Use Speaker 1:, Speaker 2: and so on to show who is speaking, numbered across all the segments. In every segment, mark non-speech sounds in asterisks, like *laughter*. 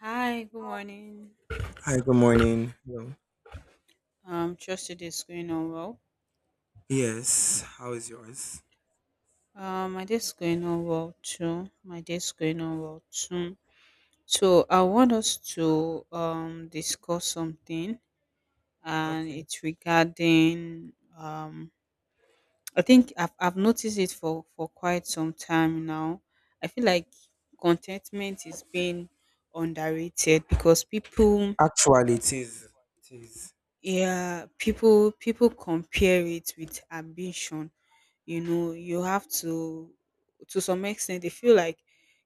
Speaker 1: Hi, good morning.
Speaker 2: Hi, good morning. Hello.
Speaker 1: Trust your day's going on well.
Speaker 2: Yes, how is yours?
Speaker 1: My day's going on well too. My day's going on well too. So I want us to discuss something, and
Speaker 2: Okay.
Speaker 1: it's regarding. I think I've noticed it for quite some time now. I feel like contentment is being underrated because people.
Speaker 2: Actually, it is. It is.
Speaker 1: Yeah. People compare it with ambition. You know, you have to some extent they feel like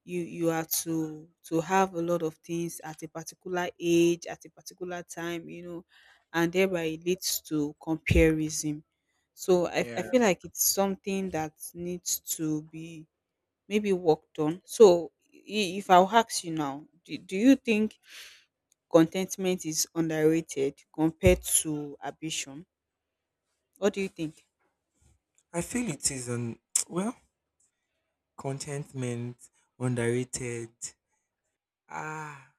Speaker 1: you are to have a lot of things at a particular age, at a particular time, you know, and thereby it leads to comparison. So I
Speaker 2: Yeah.
Speaker 1: feel like it's something that needs to be maybe worked on. So if I'll ask you now, do you think contentment is underrated compared to ambition? What do you think?
Speaker 2: I feel it is on, *tsk* well, contentment, underrated. Ah,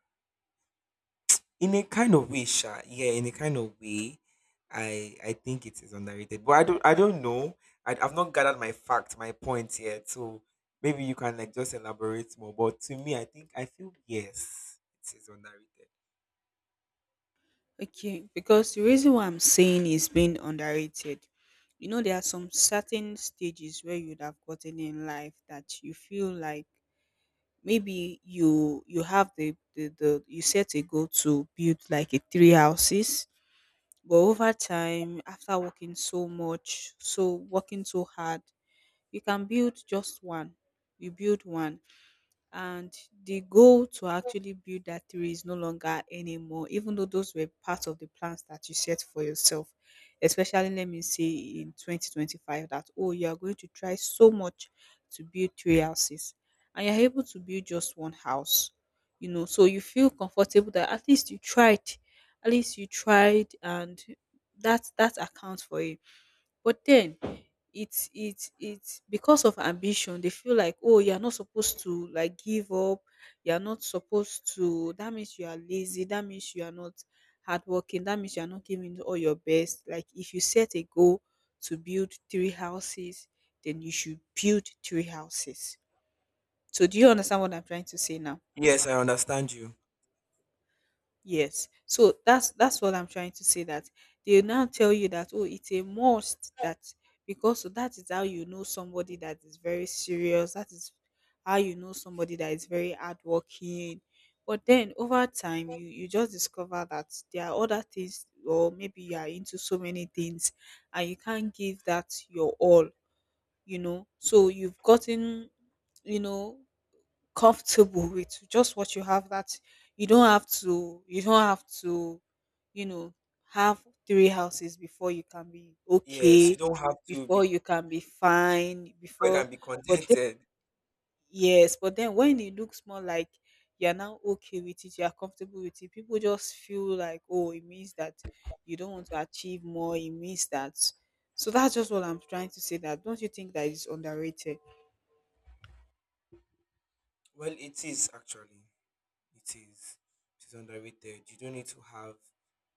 Speaker 2: in a kind of way, sha. Yeah, in a kind of way, I think it is underrated. But I don't know. I've not gathered my facts, my points yet. So maybe you can like just elaborate more. But to me, I think I feel yes, it is underrated.
Speaker 1: Okay, because the reason why I'm saying is being underrated, you know, there are some certain stages where you'd have gotten in life that you feel like maybe you have the you set a goal to build like a three houses, but over time, after working so much, so working so hard, you can build just one. You build one, and the goal to actually build that tree is no longer anymore, even though those were part of the plans that you set for yourself, especially let me say, in 2025, that, oh, you are going to try so much to build three houses, and you're able to build just one house. You know, so you feel comfortable that at least you tried. At least you tried, and that accounts for it. But then it's because of ambition. They feel like, oh, you're not supposed to like give up. You're not supposed to. That means you are lazy, that means you are not hardworking, that means you are not giving all your best. Like, if you set a goal to build three houses, then you should build three houses. So do you understand what I'm trying to say now?
Speaker 2: Yes, I understand you.
Speaker 1: Yes. So that's what I'm trying to say, that they now tell you that, oh, it's a must that, because so that is how you know somebody that is very serious, that is how you know somebody that is very hardworking. But then over time you just discover that there are other things, or maybe you are into so many things and you can't give that your all, you know. So you've gotten you know comfortable with just what you have, that you don't have to you know have three houses before you can be
Speaker 2: Yes, you
Speaker 1: okay,
Speaker 2: don't have to
Speaker 1: before
Speaker 2: be
Speaker 1: you can be fine,
Speaker 2: before you
Speaker 1: before—
Speaker 2: can be
Speaker 1: But then,
Speaker 2: contented.
Speaker 1: yes, but then when it looks more like you're now okay with it, you're comfortable with it, people just feel like, oh, it means that you don't want to achieve more, it means that— So that's just what I'm trying to say, that don't you think that is underrated?
Speaker 2: Well, it is actually. It is. It is underrated. You don't need to have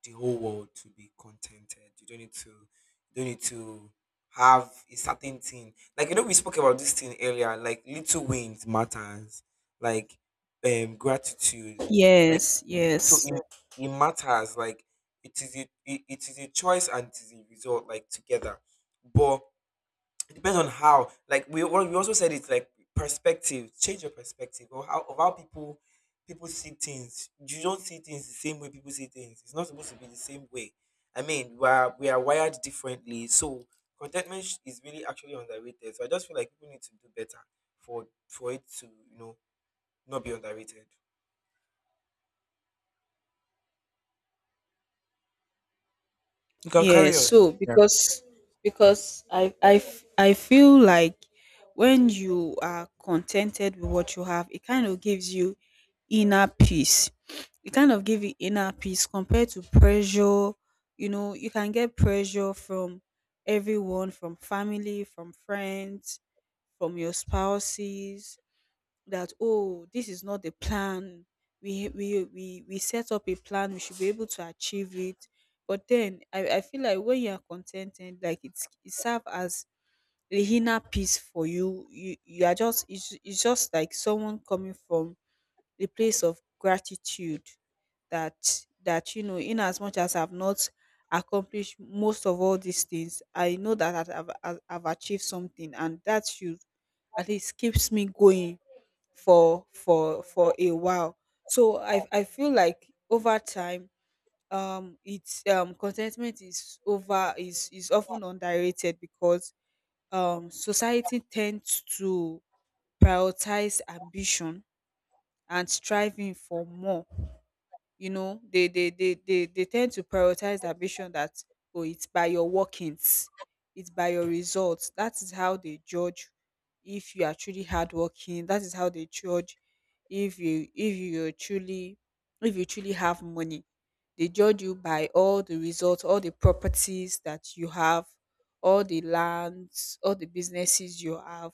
Speaker 2: the whole world to be contented. You don't need to have a certain thing. Like you know, we spoke about this thing earlier, like little wins matters. Like gratitude. Like
Speaker 1: Yes,
Speaker 2: so
Speaker 1: yes.
Speaker 2: it matters. Like it is a choice and it is a result, like together. But it depends on how, like we also said, it's like perspective. Change your perspective or how, of how people see things. You don't see things the same way people see things. It's not supposed to be the same way. I mean, we are wired differently. So contentment is really actually underrated. So I just feel like people need to do better for it to, not be underrated. You can
Speaker 1: Yeah,
Speaker 2: carry on.
Speaker 1: so because I feel like when you are contented with what you have, it kind of gives you inner peace. It kind of gives you inner peace compared to pressure. You know, you can get pressure from everyone, from family, from friends, from your spouses, that, oh, this is not the plan. We set up a plan, we should be able to achieve it. But then I feel like when you are contented, like it's— it serve as a inner peace for you. You are just— it's just like someone coming from a place of gratitude, that, you know, in as much as I've not accomplished most of all these things, I know that I've achieved something, and that should at least keeps me going for a while. So I feel like over time, it's contentment is over is is often underrated because society tends to prioritize ambition and striving for more. You know, they tend to prioritize ambition, that, oh, it's by your workings, it's by your results, that is how they judge if you are truly hardworking, that is how they judge if you're truly— if you truly have money. They judge you by all the results, all the properties that you have, all the lands, all the businesses you have.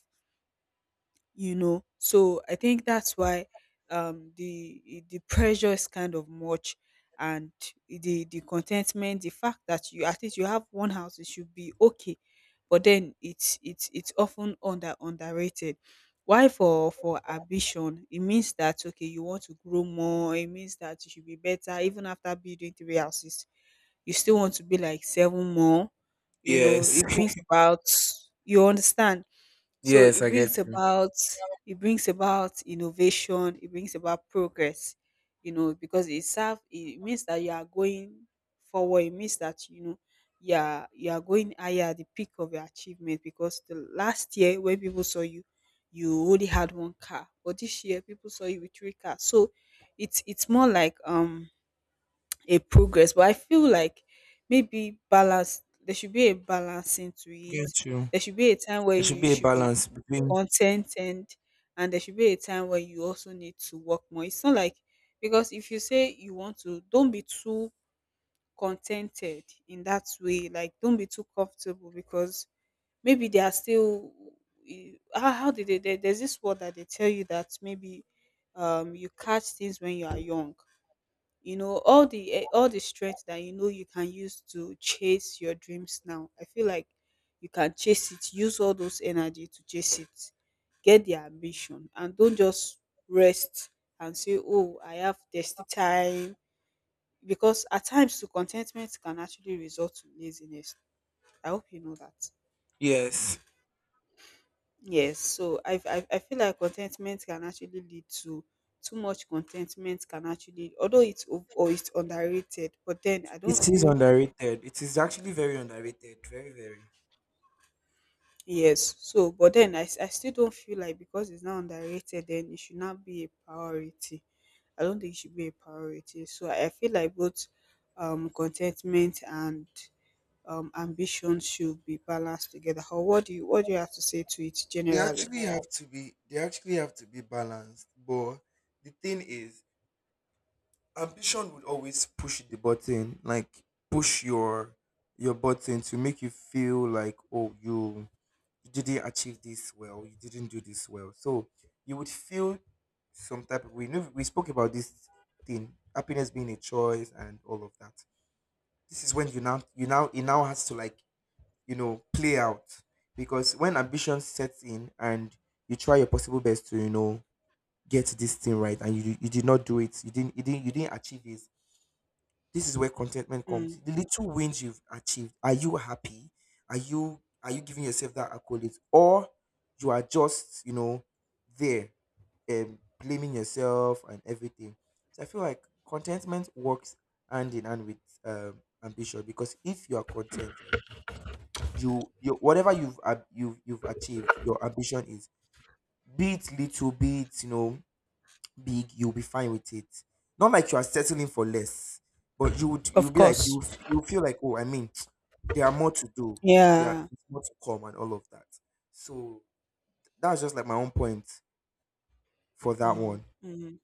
Speaker 1: You know, so I think that's why the pressure is kind of much, and the contentment, the fact that you— at least you have one house, it should be okay. But then it's often underrated. Why? For ambition, it means that, okay, you want to grow more, it means that you should be better. Even after building three houses, you still want to be like seven more, you know.
Speaker 2: Yes,
Speaker 1: It brings about— you understand? So
Speaker 2: yes, I get you.
Speaker 1: it brings about innovation, it brings about progress, you know, because it serve— it means that you are going forward, it means that, you know, you are going higher, at the peak of your achievement, because the last year, when people saw you, you only had one car. But this year people saw you with three cars. So it's more like a progress. But I feel like maybe balance— there should be a balancing to
Speaker 2: Get
Speaker 1: it.
Speaker 2: you.
Speaker 1: There should be a time where
Speaker 2: There should
Speaker 1: you
Speaker 2: be a
Speaker 1: should be
Speaker 2: balance between,
Speaker 1: contented, and there should be a time where you also need to work more. It's not like— because if you say you want to— don't be too contented in that way, like, don't be too comfortable, because maybe they are still— how, did they— there's this word that they tell you, that maybe you catch things when you are young. You know, all the all the strength that you can use to chase your dreams now. I feel like you can chase it. Use all those energy to chase it. Get the ambition, and don't just rest and say, "Oh, I have thirsty time." Because at times, to contentment can actually result to laziness. I hope you know that.
Speaker 2: yes.
Speaker 1: Yes, so I feel like contentment can actually lead to— too much contentment can actually, although or it's underrated, but then I don't
Speaker 2: It is
Speaker 1: feel—
Speaker 2: underrated. It is actually very underrated. Very, very.
Speaker 1: Yes. So, but then I still don't feel like because it's now underrated, then it should not be a priority. I don't think it should be a priority. So I feel like both contentment and ambition should be balanced together. Or what do you have to say to it
Speaker 2: They
Speaker 1: generally?
Speaker 2: actually have to be they actually have to be balanced. But the thing is, ambition will always push the button, like push your button to make you feel like, oh, you didn't achieve this well, you didn't do this well. So you would feel some type of. We know we spoke about this thing, happiness being a choice and all of that. This is when you now it now has to, like, you know, play out. Because when ambition sets in and you try your possible best to, you know, get this thing right, and you did not do it, you didn't achieve this. This is where contentment
Speaker 1: Mm.
Speaker 2: comes. The little wins you've achieved, are you happy? Are you giving yourself that accolade? Or you are just, you know, there, blaming yourself and everything. So I feel like contentment works hand in hand with ambition. Because if you are contented, you whatever you've achieved, your ambition is, be it little, be it, you know, big, you'll be fine with it. Not like you are settling for less, but you'll
Speaker 1: Of
Speaker 2: be like,
Speaker 1: course.
Speaker 2: you feel like, oh, I mean, *tsk* there are more to do. There are
Speaker 1: Yeah.
Speaker 2: It's more to come and all of that. So that's just like my own point for that
Speaker 1: Mm.
Speaker 2: one.
Speaker 1: Mm.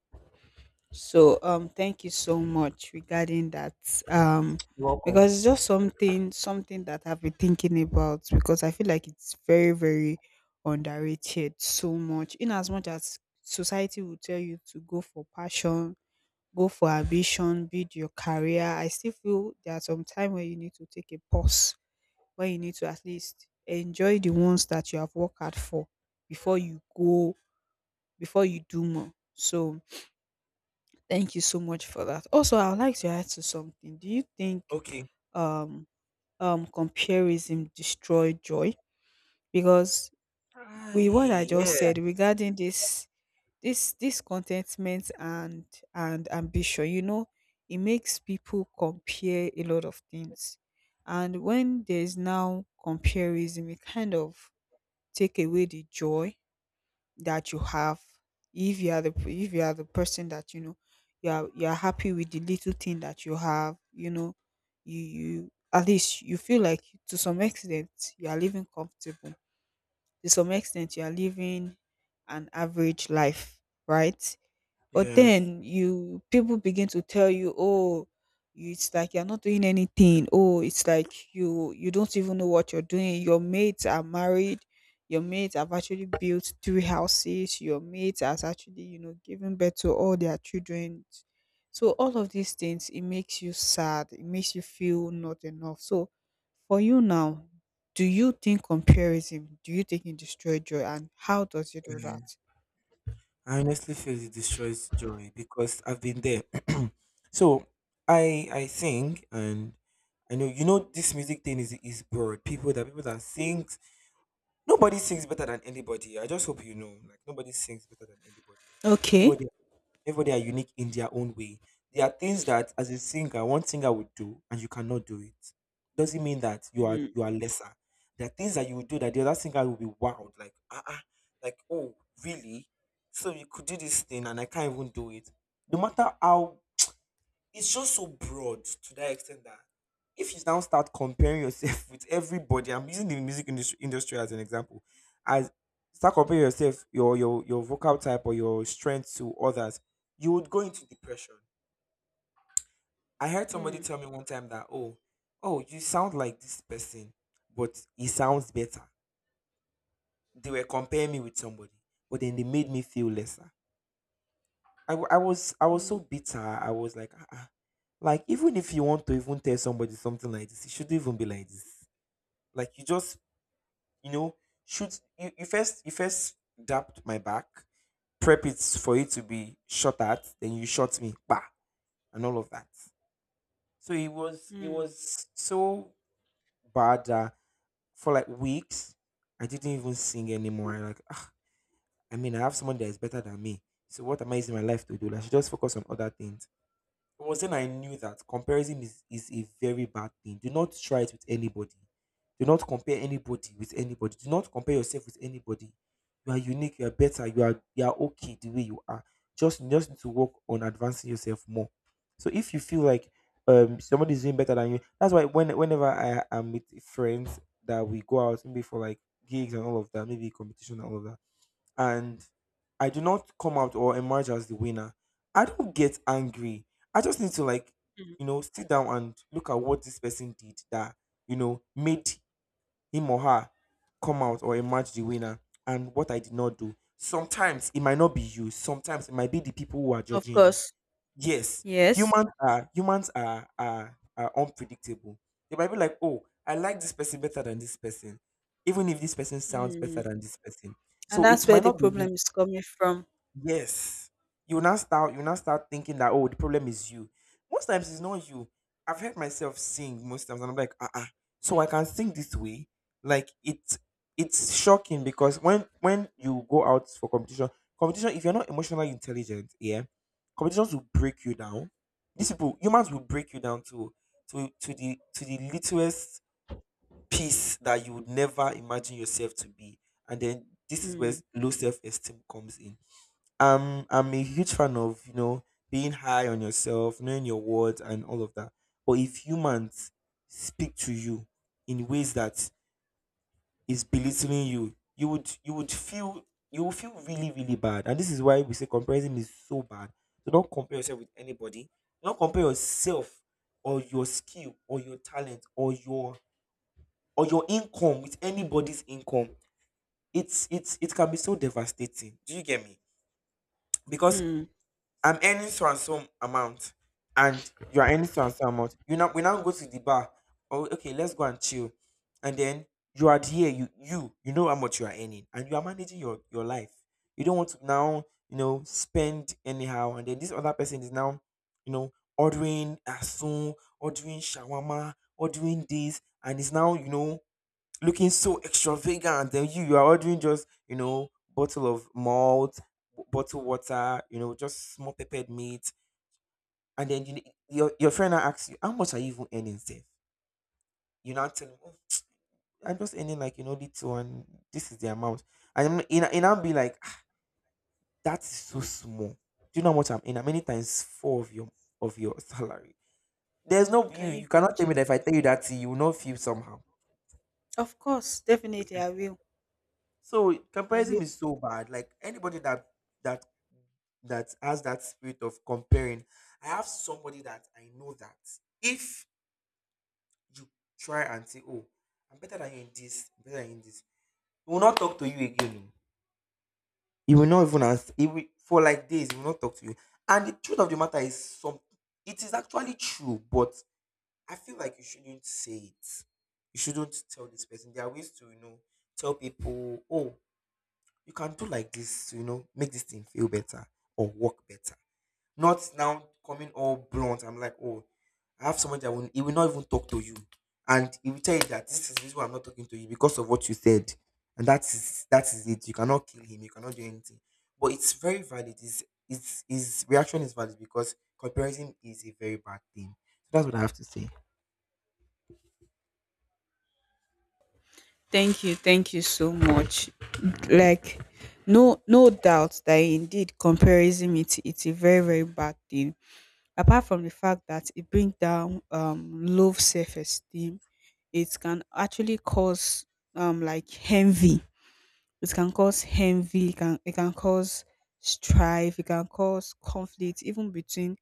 Speaker 1: So thank you so much regarding that um
Speaker 2: You're welcome.
Speaker 1: because it's just something that I've been thinking about, because I feel like it's very, very underrated so much. In as much as society will tell you to go for passion, go for ambition, build your career, I still feel there are some time where you need to take a pause, where you need to at least enjoy the ones that you have worked hard for before you go, before you do more. So, thank you so much for that. Also, I would like to add to something. Do you think
Speaker 2: Okay.
Speaker 1: um comparison destroy joy? Because with what I
Speaker 2: Hi.
Speaker 1: just
Speaker 2: Yeah.
Speaker 1: said regarding this contentment and ambition, you know, it makes people compare a lot of things. And when there's now comparison, it kind of take away the joy that you have, if you are the— if you are the person that, you know, you are happy with the little thing that you have you know you at least you feel like, to some extent, you are living comfortable, to some extent you are living an average life, right? But
Speaker 2: Yes.
Speaker 1: then you— people begin to tell you, "Oh, it's like you're not doing anything. Oh, it's like you don't even know what you're doing. Your mates are married. Your mates have actually built three houses. Your mates has actually, you know, given birth to all their children." So all of these things, it makes you sad. It makes you feel not enough. So for you now, do you think comparison— do you think it destroys joy? And how does it do that?
Speaker 2: I honestly feel it destroys joy because I've been there. *clears throat* So I sing, and I know, you know, this music thing is broad. People that sings, nobody sings better than anybody. I just hope you know, like, nobody sings better than anybody.
Speaker 1: Okay.
Speaker 2: Everybody Everybody are unique in their own way. There are things that, as a singer, one singer would do, and you cannot do it. Doesn't mean that you are
Speaker 1: Mm.
Speaker 2: you are lesser. There are things that you would do that the other singer will be wild, like ah, ah, like, oh really? So you could do this thing, and I can't even do it. No matter how, it's just so broad to that extent that if you now start comparing yourself *laughs* with everybody. I'm using the music industry as an example, as start comparing yourself, your vocal type or your strength to others, you would go into depression. I heard somebody
Speaker 1: Mm.
Speaker 2: tell me one time that, oh, you sound like this person, but he sounds better. They were comparing me with somebody, but then they made me feel lesser. I was so
Speaker 1: Mm,
Speaker 2: bitter. I was like, ah, ah. Like, even if you want to even tell somebody something like this, it shouldn't even be like this. Like, you just, you know shoot you first dapped my back, prep it for it to be shot at, then you shot me, bah, and all of that. So it was it
Speaker 1: mm,
Speaker 2: was so bad that for like weeks I didn't even sing anymore. I like, "Ah, I mean, I have someone that is better than me. So what am I using my life to do? Like, I should just focus on other things." It was then I knew that comparison is a very bad thing. Do not try it with anybody. Do not compare anybody with anybody. Do not compare yourself with anybody. You are unique, you are better, you are okay the way you are. Just You just need to work on advancing yourself more. So if you feel like, somebody is doing better than you, that's why whenever I am with friends that we go out, maybe for like gigs and all of that, maybe competition and all of that, and I do not come out or emerge as the winner, I don't get angry. I just need to, like,
Speaker 1: mm.
Speaker 2: you know, sit down and look at what this person did that, you know, made him or her come out or emerge the winner, and what I did not do. Sometimes it might not be you. Sometimes it might be the people who are
Speaker 1: Of
Speaker 2: judging you.
Speaker 1: course.
Speaker 2: Yes,
Speaker 1: Yes.
Speaker 2: humans are unpredictable. They might be like, oh, I like this person better than this person, even if this person sounds better
Speaker 1: Mm.
Speaker 2: than this person.
Speaker 1: And
Speaker 2: So
Speaker 1: that's
Speaker 2: it
Speaker 1: where
Speaker 2: might
Speaker 1: the
Speaker 2: not be you.
Speaker 1: problem is coming from.
Speaker 2: Yes. You will now start thinking that, oh, the problem is you. Most times it's not you. I've heard myself sing most times and I'm like, uh-uh. So I can sing this way. Like, it's shocking because when, you go out for competition, if you're not emotionally intelligent, yeah, competitions will break you down. These people, humans, will break you down to to the littlest piece that you would never imagine yourself to be. And then this is where
Speaker 1: Mm,
Speaker 2: low self-esteem comes in. I'm a huge fan of, you know, being high on yourself, knowing your words, and all of that. But if humans speak to you in ways that is belittling you, you would feel you will feel really, really bad. And this is why we say comparison is so bad. Do not compare yourself with anybody. Do not compare yourself or your skill or your talent or your income with anybody's income. It can be so devastating. Do you get me? Because
Speaker 1: mm.
Speaker 2: I'm earning so and so amount, and you are earning so and so amount. You now we now go to the bar. Oh, okay, let's go and chill. And then you are here. You know how much you are earning, and you are managing your life. You don't want to now, you know, spend anyhow, and then this other person is now, you know, ordering asun, ordering shawarma, ordering this, and is now, you know, looking so extravagant, and you are ordering just, you know, bottle of malt, bottle water, you know, just small peppered meat. And then your friend now asks you, "How much are you even earning, safe?" You now tell him, "Oh, I'm just earning, like, you know, little, and this is the amount." And in, I'll be like, "Ah, that is so small. Do you know how much I'm in? Many times four of your salary. There's no, you
Speaker 1: Can you
Speaker 2: you cannot tell me that
Speaker 1: imagine?
Speaker 2: if I tell you that you will not feel somehow."
Speaker 1: Of course, definitely I will.
Speaker 2: So
Speaker 1: I will.
Speaker 2: comparison is so bad. Like, anybody that that has that spirit of comparing, I have somebody that I know that if you try and say, "Oh, I'm better than you in this, I'm better than you in this," he will not talk to you again. He will not even ask. He will, for like days. He will not talk to you. And the truth of the matter is, some, it is actually true, but I feel like you shouldn't say it. You shouldn't tell this person. There are ways to tell people, "Oh," you can do like this to, make this thing feel better or work better, not now coming all blunt. I'm like, oh, I have someone that, will he will not even talk to you, and he will tell you that this is the reason why I'm not talking to you, because of what you said. And that is it. You cannot kill him, you cannot do anything. But it's very valid. It's His reaction is valid, because comparison is a very bad thing. So that's what I have to say.
Speaker 1: Thank you. Thank you so much. Like, no doubt that indeed comparison, it's a very, very bad thing. Apart from the fact that it brings down low self esteem, it can actually cause like envy. It can cause envy, it can cause strife, it can cause conflict even between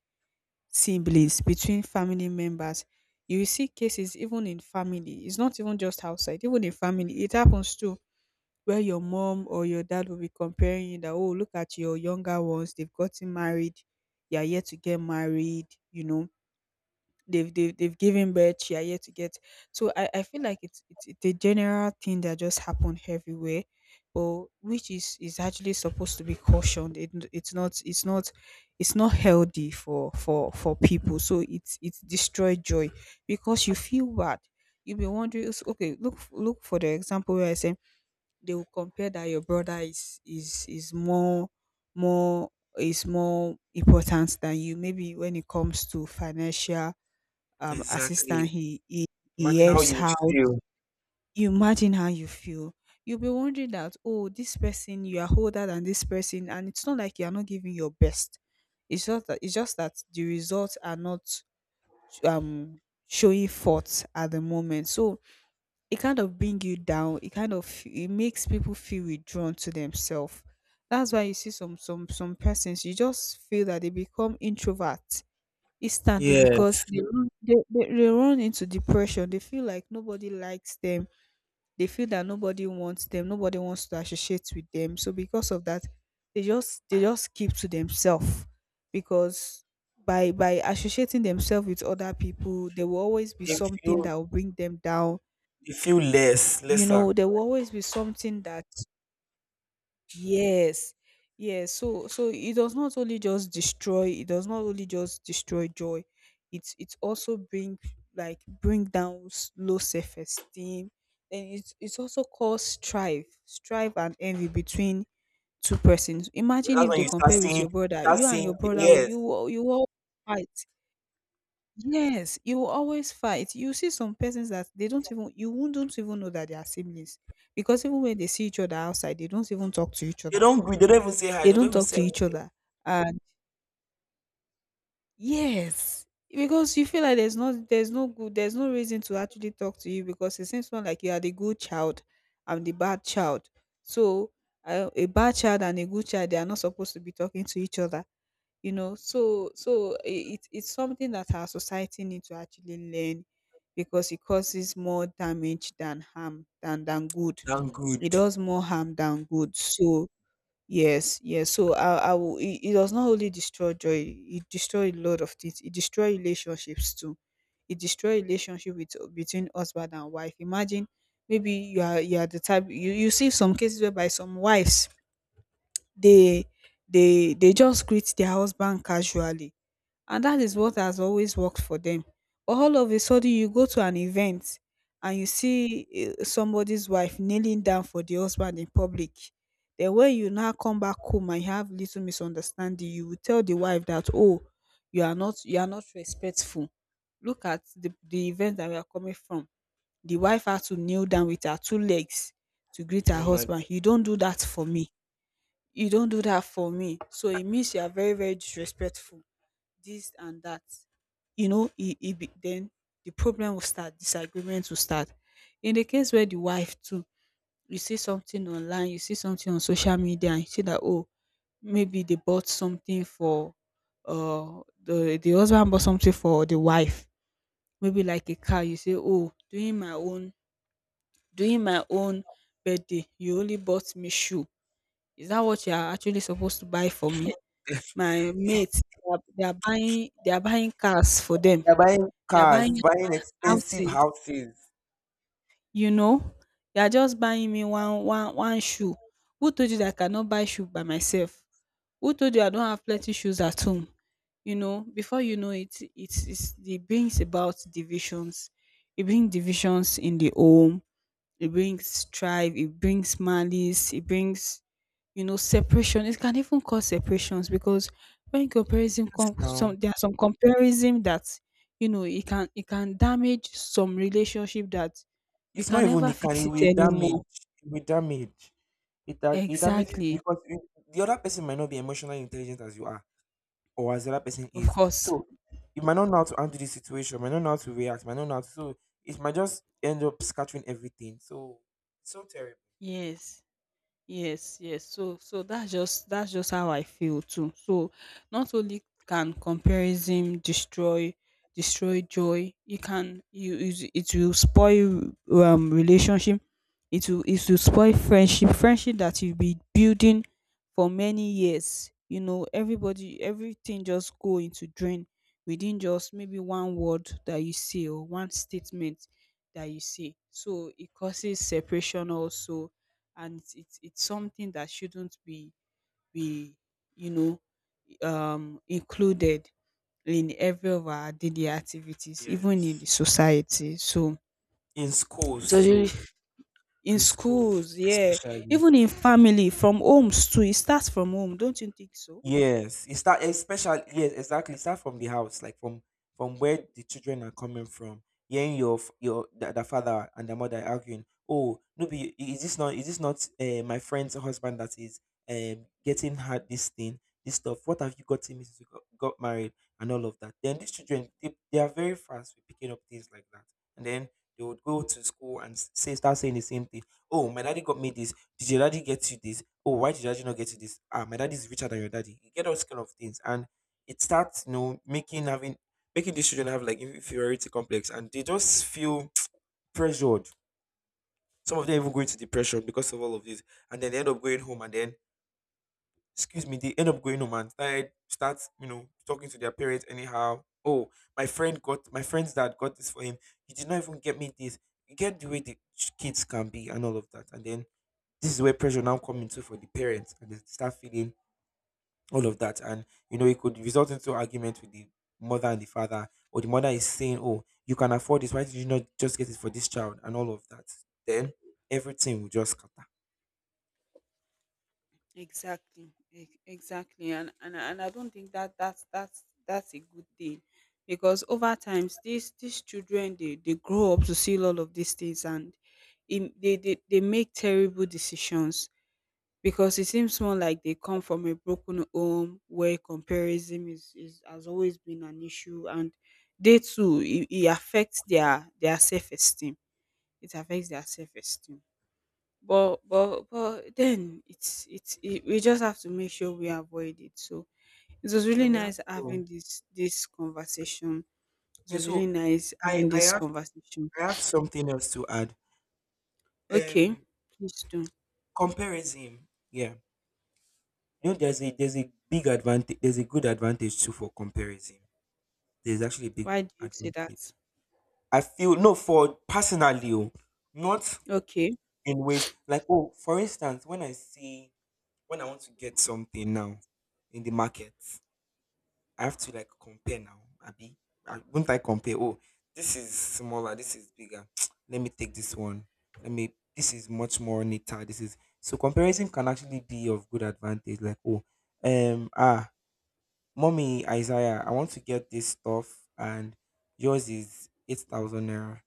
Speaker 1: siblings, between family members. You will see cases even in family. It's not even just outside, even in family. It happens too, where your mom or your dad will be comparing you that, oh, look at your younger ones, they've gotten married, they are yet to get married, you know, they've given birth, she are yet to get. So I feel like it's a general thing that just happened everywhere, but which is actually supposed to be cautioned. It's not, it's not, it's not healthy for for people. So it's destroy joy because you feel bad. You'll be wondering, okay, look look for the example where I say they will compare that your brother is is more, more, is more important than you, maybe when it comes to financial assistant.
Speaker 2: Exactly.
Speaker 1: He he
Speaker 2: Imagine how
Speaker 1: helps
Speaker 2: you would
Speaker 1: out.
Speaker 2: feel.
Speaker 1: You imagine how you feel. You'll be wondering that, oh, this person, you are older than this person, and it's not like you are not giving your best. It's just that the results are not, um showing forth at the moment. So it kind of bring you down. It kind of, it makes people feel withdrawn to themselves. That's why you see some some persons, you just feel that they become introvert instantly
Speaker 2: Yes.
Speaker 1: because they run into depression. They feel like nobody likes them, they feel that nobody wants them, nobody wants to associate with them, so because of that they just keep to themselves, because by associating themselves with other people, there will always be
Speaker 2: They
Speaker 1: something that
Speaker 2: feel
Speaker 1: will bring them down,
Speaker 2: they feel
Speaker 1: you
Speaker 2: lesser.
Speaker 1: know. There will always be something that. Yes. Yes. So so it does not only just destroy, it does not only just destroy joy. It's also bring, like, bring down low self esteem. Then it's also cause strife, strife and envy between two persons. Imagine
Speaker 2: That's
Speaker 1: if
Speaker 2: when
Speaker 1: they
Speaker 2: you start
Speaker 1: compare
Speaker 2: seeing,
Speaker 1: with your brother, you and your brother
Speaker 2: yes.
Speaker 1: you will fight. Yes, you will always fight. You see some persons that they don't even, you won't don't even know that they are siblings because even when they see each other outside, they don't even talk to each
Speaker 2: They
Speaker 1: other,
Speaker 2: don't greet, they don't even say hi,
Speaker 1: they
Speaker 2: they don't
Speaker 1: don't
Speaker 2: even
Speaker 1: talk
Speaker 2: say
Speaker 1: to each
Speaker 2: anything.
Speaker 1: other. And yes, because you feel like there's no good, there's no reason to actually talk to you, because it seems more like you are the good child, I'm the bad child. So a bad child and a good child, they are not supposed to be talking to each other. You know, so so it's something that our society need to actually learn because it causes more damage than harm, than good.
Speaker 2: Damn good.
Speaker 1: It does more harm than good. So yes, yes. So I will. It does not only destroy joy; it destroy a lot of things. It destroy relationships too. It destroy relationship with, between husband and wife. Imagine, maybe you are the type, you see some cases whereby some wives, they they just greet their husband casually, and that is what has always worked for them. But all of a sudden, you go to an event and you see somebody's wife kneeling down for the husband in public. Then when you now come back home and you have little misunderstanding, you will tell the wife that, oh, you are not respectful. Look at the event that we are coming from. The wife had to kneel down with her two legs to greet
Speaker 2: Can
Speaker 1: her
Speaker 2: you imagine?
Speaker 1: husband. You don't do that for me. You don't do that for me. So it means you are very very disrespectful, this and that, you know. Then the problem will start, disagreement will start. In the case where the wife too, you see something on social media and you see that, oh, maybe they bought something for, the husband bought something for the wife, maybe like a car. You say, oh, during my own birthday you only bought me shoe. Is that what you are actually supposed to buy for me? My
Speaker 2: *laughs*
Speaker 1: mates, they are buying, cars for them.
Speaker 2: They're buying
Speaker 1: They are
Speaker 2: cars,
Speaker 1: buying
Speaker 2: buying expensive
Speaker 1: houses,
Speaker 2: houses.
Speaker 1: you know. They are just buying me one shoe. Who told you that I cannot buy shoe by myself? Who told you I don't have plenty shoes at home? You know, before you know it, it brings about divisions. It brings divisions in the home. It brings strife, it brings malice, it brings, you know, separation. It can even cause separations because when comparison comes,
Speaker 2: No,
Speaker 1: some there are some comparison that, you know, it can damage some relationship that you
Speaker 2: it's not
Speaker 1: can
Speaker 2: even,
Speaker 1: never fix
Speaker 2: it
Speaker 1: it
Speaker 2: will
Speaker 1: anymore.
Speaker 2: damage. It will damage. It damages,
Speaker 1: Exactly.
Speaker 2: because the other person might not be emotionally intelligent as you are, or as the other person
Speaker 1: Of
Speaker 2: is.
Speaker 1: course.
Speaker 2: So you might not know how to handle the situation, might not know how to react, might not know how to. So it might just end up scattering everything. So it's so terrible.
Speaker 1: Yes. Yes, yes. So that's just how I feel too. So not only can comparison destroy, destroy joy, you can you it, it will spoil relationship. It will, it will spoil friendship. Friendship that you've been building for many years. You know, everybody, everything just go into drain within just maybe one word that you say or one statement that you say. So it causes separation also, and it's something that shouldn't be, you know, included in every of our daily activities, even in
Speaker 2: Yes.
Speaker 1: the society. So
Speaker 2: In
Speaker 1: it's
Speaker 2: schools
Speaker 1: actually
Speaker 2: too,
Speaker 1: in
Speaker 2: in schools
Speaker 1: schools, yeah,
Speaker 2: especially.
Speaker 1: even in family, from homes too. It starts from home, don't you think so?
Speaker 2: Yes, it start especially, yes, exactly. Start from the house, like from where the children are coming from. Hearing your f- your the father and the mother arguing. Oh, no, be is this not my friend's husband that is getting her this thing, this stuff? What have you got him since you got married, and all of that? Then these children, they are very fast with picking up things like that, and then they would go to school and s- say start saying the same thing. Oh, my daddy got me this. Did your daddy get you this? Oh, why did your daddy not get you this? Ah, my daddy is richer than your daddy. You get all kind of things. And it starts, making these children have like inferiority complex, and they just feel *tsk* pressured. Some of them even go into depression because of all of this. And then they end up going home, and then, excuse me, they end up going home and start, talking to their parents anyhow. Oh, my friend's dad got this for him. He did not even get me this. You get the way the kids can be, and all of that. And then this is where pressure now comes into for the parents, and they start feeling all of that. And you know, it could result into argument with the mother and the father, or the mother is saying, oh, you can afford this, why did you not just get it for this child, and all of that. Then everything will just scatter.
Speaker 1: Exactly, exactly, and and I don't think that that's that's a good thing, because over times these children, they grow up to see all of these things, and, in, they they make terrible decisions, because it seems more like they come from a broken home where comparison is has always been an issue, and, they too, it affects their self esteem. It affects their self esteem. But but then it, we just have to make sure we avoid it. So it was
Speaker 2: Yeah,
Speaker 1: really
Speaker 2: we have
Speaker 1: nice
Speaker 2: to.
Speaker 1: having this conversation. It
Speaker 2: Yeah,
Speaker 1: was
Speaker 2: so
Speaker 1: really nice
Speaker 2: i
Speaker 1: having
Speaker 2: i
Speaker 1: this
Speaker 2: have
Speaker 1: conversation.
Speaker 2: I have something else to add.
Speaker 1: Okay,
Speaker 2: um
Speaker 1: please do.
Speaker 2: Comparison, yeah. You know, there's a, big advantage, there's a good advantage too for comparison. There's actually a big
Speaker 1: Why do you say
Speaker 2: advantage.
Speaker 1: that?
Speaker 2: I feel, no, for personally, oh, not.
Speaker 1: Okay.
Speaker 2: In ways like, oh, for instance, when I see when I want to get something now in the market, I have to like compare now. Abi, won't I compare? Oh, this is smaller. This is bigger. *tsk* Let me take this one. Let me. This is much more neater. This is So comparison can actually be of good advantage. Like, oh, ah, Mommy Isaiah, I want to get this stuff, and yours is 8,000 naira.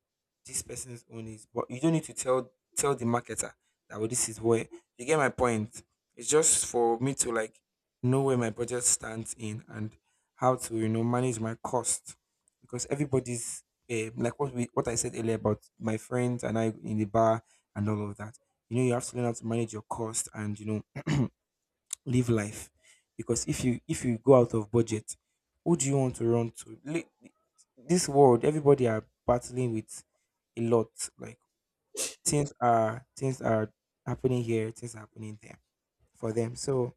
Speaker 2: This person's own is, but you don't need to tell the marketer that, well, this is, where you get my point. It's just for me to like know where my budget stands in, and how to, you know, manage my cost. Because everybody's, eh, like what we what I said earlier about my friends and I in the bar and all of that. You know, you have to learn how to manage your cost, and you know, *clears throat* live life, because if you go out of budget, who do you want to run to? Li- this world, everybody are battling with a lot. Like, things are happening here, things are happening there for them. So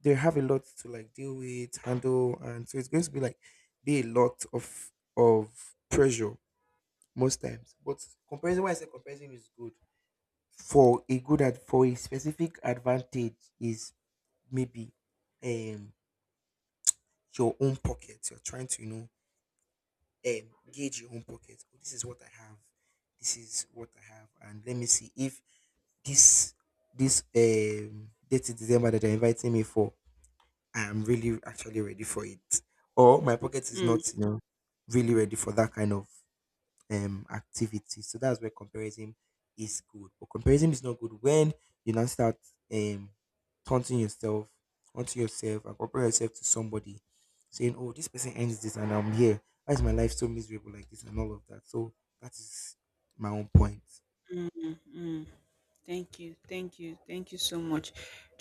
Speaker 2: they have a lot to like deal with, handle, and so it's going to be like be a lot of pressure most times. But comparison, why I say comparison is good for a good ad for a specific advantage, is, maybe, um your own pocket. You're trying to, you know, gauge your own pocket. Oh, this is what I have. This is what I have, and let me see if this this date in December that they're inviting me for, I am really actually ready for it, or my pocket is not,
Speaker 1: mm,
Speaker 2: you know, really ready for that kind of activity. So that's where comparison is good. But comparison is not good when you now start um taunting yourself onto yourself and compare yourself to somebody, saying, oh, this person ends this and I'm here, why is my life so miserable like this, and all of that. So that is my own point.
Speaker 1: mm, mm, mm. Thank you, thank you so much.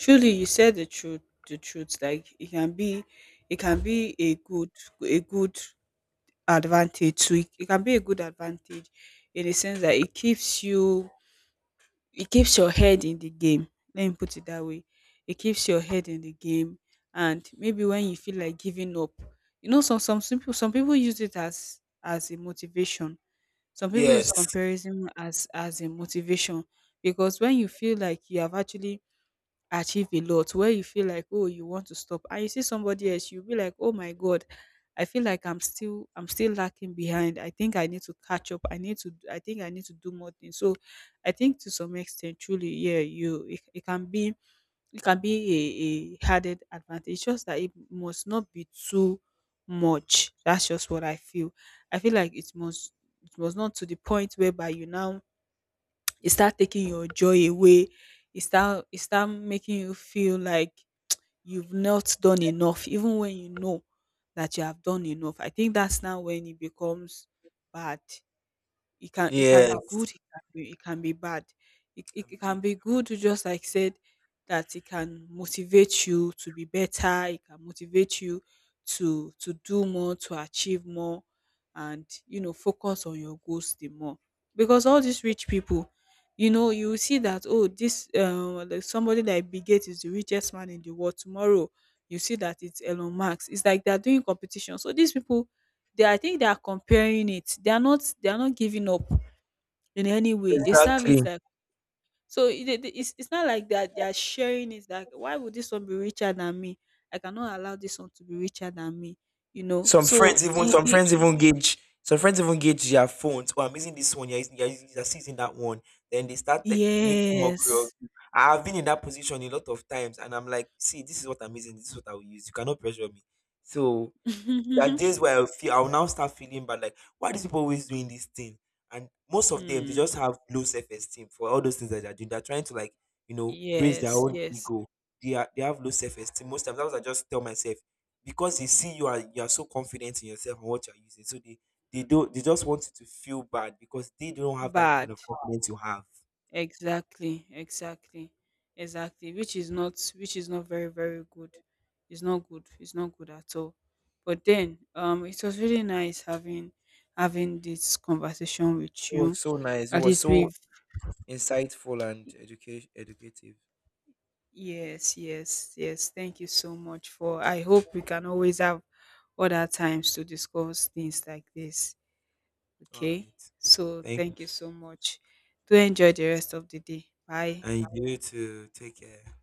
Speaker 1: Truly, you said the truth. The truth. Like, it can be, it can be a good, a good advantage to it. It can be a good advantage in the sense that it keeps you, it keeps your head in the game. Let me put it that way. It keeps your head in the game, and maybe when you feel like giving up, you know, some people use it as a motivation. Some people use
Speaker 2: Yes.
Speaker 1: comparison as a motivation because when you feel like you have actually achieve a lot, where you feel like, oh, you want to stop, and you see somebody else, you'll be like, oh my god, I feel like I'm still lacking behind. I think I need to catch up, I need to, I think I need to do more things. So I think to some extent, truly, yeah, you it, it can be, it can be a added advantage, just that it must not be too much. That's just what I feel. I feel like it must, it was not to the point whereby you now, it start taking your joy away. It start, it start making you feel like you've not done enough even when you know that you have done enough. I think that's now when it becomes bad. It can, it can be
Speaker 2: Yes.
Speaker 1: good, it can be, it can be bad. It
Speaker 2: I'm
Speaker 1: can
Speaker 2: good.
Speaker 1: be good, just like you said, that it can motivate you to be better, it can motivate you to do more, to achieve more, and, you know, focus on your goals the more. Because all these rich people, you know, you will see that, oh, this like, somebody like Bill Gates is the richest man in the world tomorrow. You see that it's Elon Musk. It's like they are doing competition. So these people, they, I think they are comparing it. They are not, they are not giving up in any way. They serve
Speaker 2: Exactly.
Speaker 1: it like so. It's not like that they are sharing it. Like, why would this one be richer than me? I cannot allow this one to be richer than me. You know.
Speaker 2: Some friends even gauge their phones. Oh, I'm using this one. You're still using that one. Then they start, making mockery of
Speaker 1: Yes.
Speaker 2: you. I've been in that position a lot of times, and I'm like, see, this is what I'm using. This is what I will use. You cannot pressure me. So there are
Speaker 1: *laughs*
Speaker 2: days where I'll now start feeling bad, like, why are these people always doing this thing? And most of them, they just
Speaker 1: Mm.
Speaker 2: have low self esteem for all those things that they're doing. They're trying to like, you know, raise their
Speaker 1: Yes,
Speaker 2: own
Speaker 1: yes.
Speaker 2: ego. They have low self esteem most times. That's what I just tell myself. Because they see you are, so confident in yourself and what you're using. So they just want you to feel bad, because they don't have that kind
Speaker 1: Bad.
Speaker 2: of confidence you have.
Speaker 1: Exactly. Exactly. Exactly. Which is not. Which is not very very good. It's not good. It's not good at all. But then, it was really nice having, having this conversation with
Speaker 2: It was
Speaker 1: you.
Speaker 2: so nice. It
Speaker 1: At
Speaker 2: was
Speaker 1: least
Speaker 2: so
Speaker 1: we've.
Speaker 2: insightful and education educative.
Speaker 1: Yes, yes, yes. Thank you so much, for I hope we can always have other times to discuss things like this.
Speaker 2: All
Speaker 1: Okay?
Speaker 2: right.
Speaker 1: So
Speaker 2: Thank you.
Speaker 1: thank you so much. Do enjoy the rest of the day. Bye.
Speaker 2: And you too. Take care.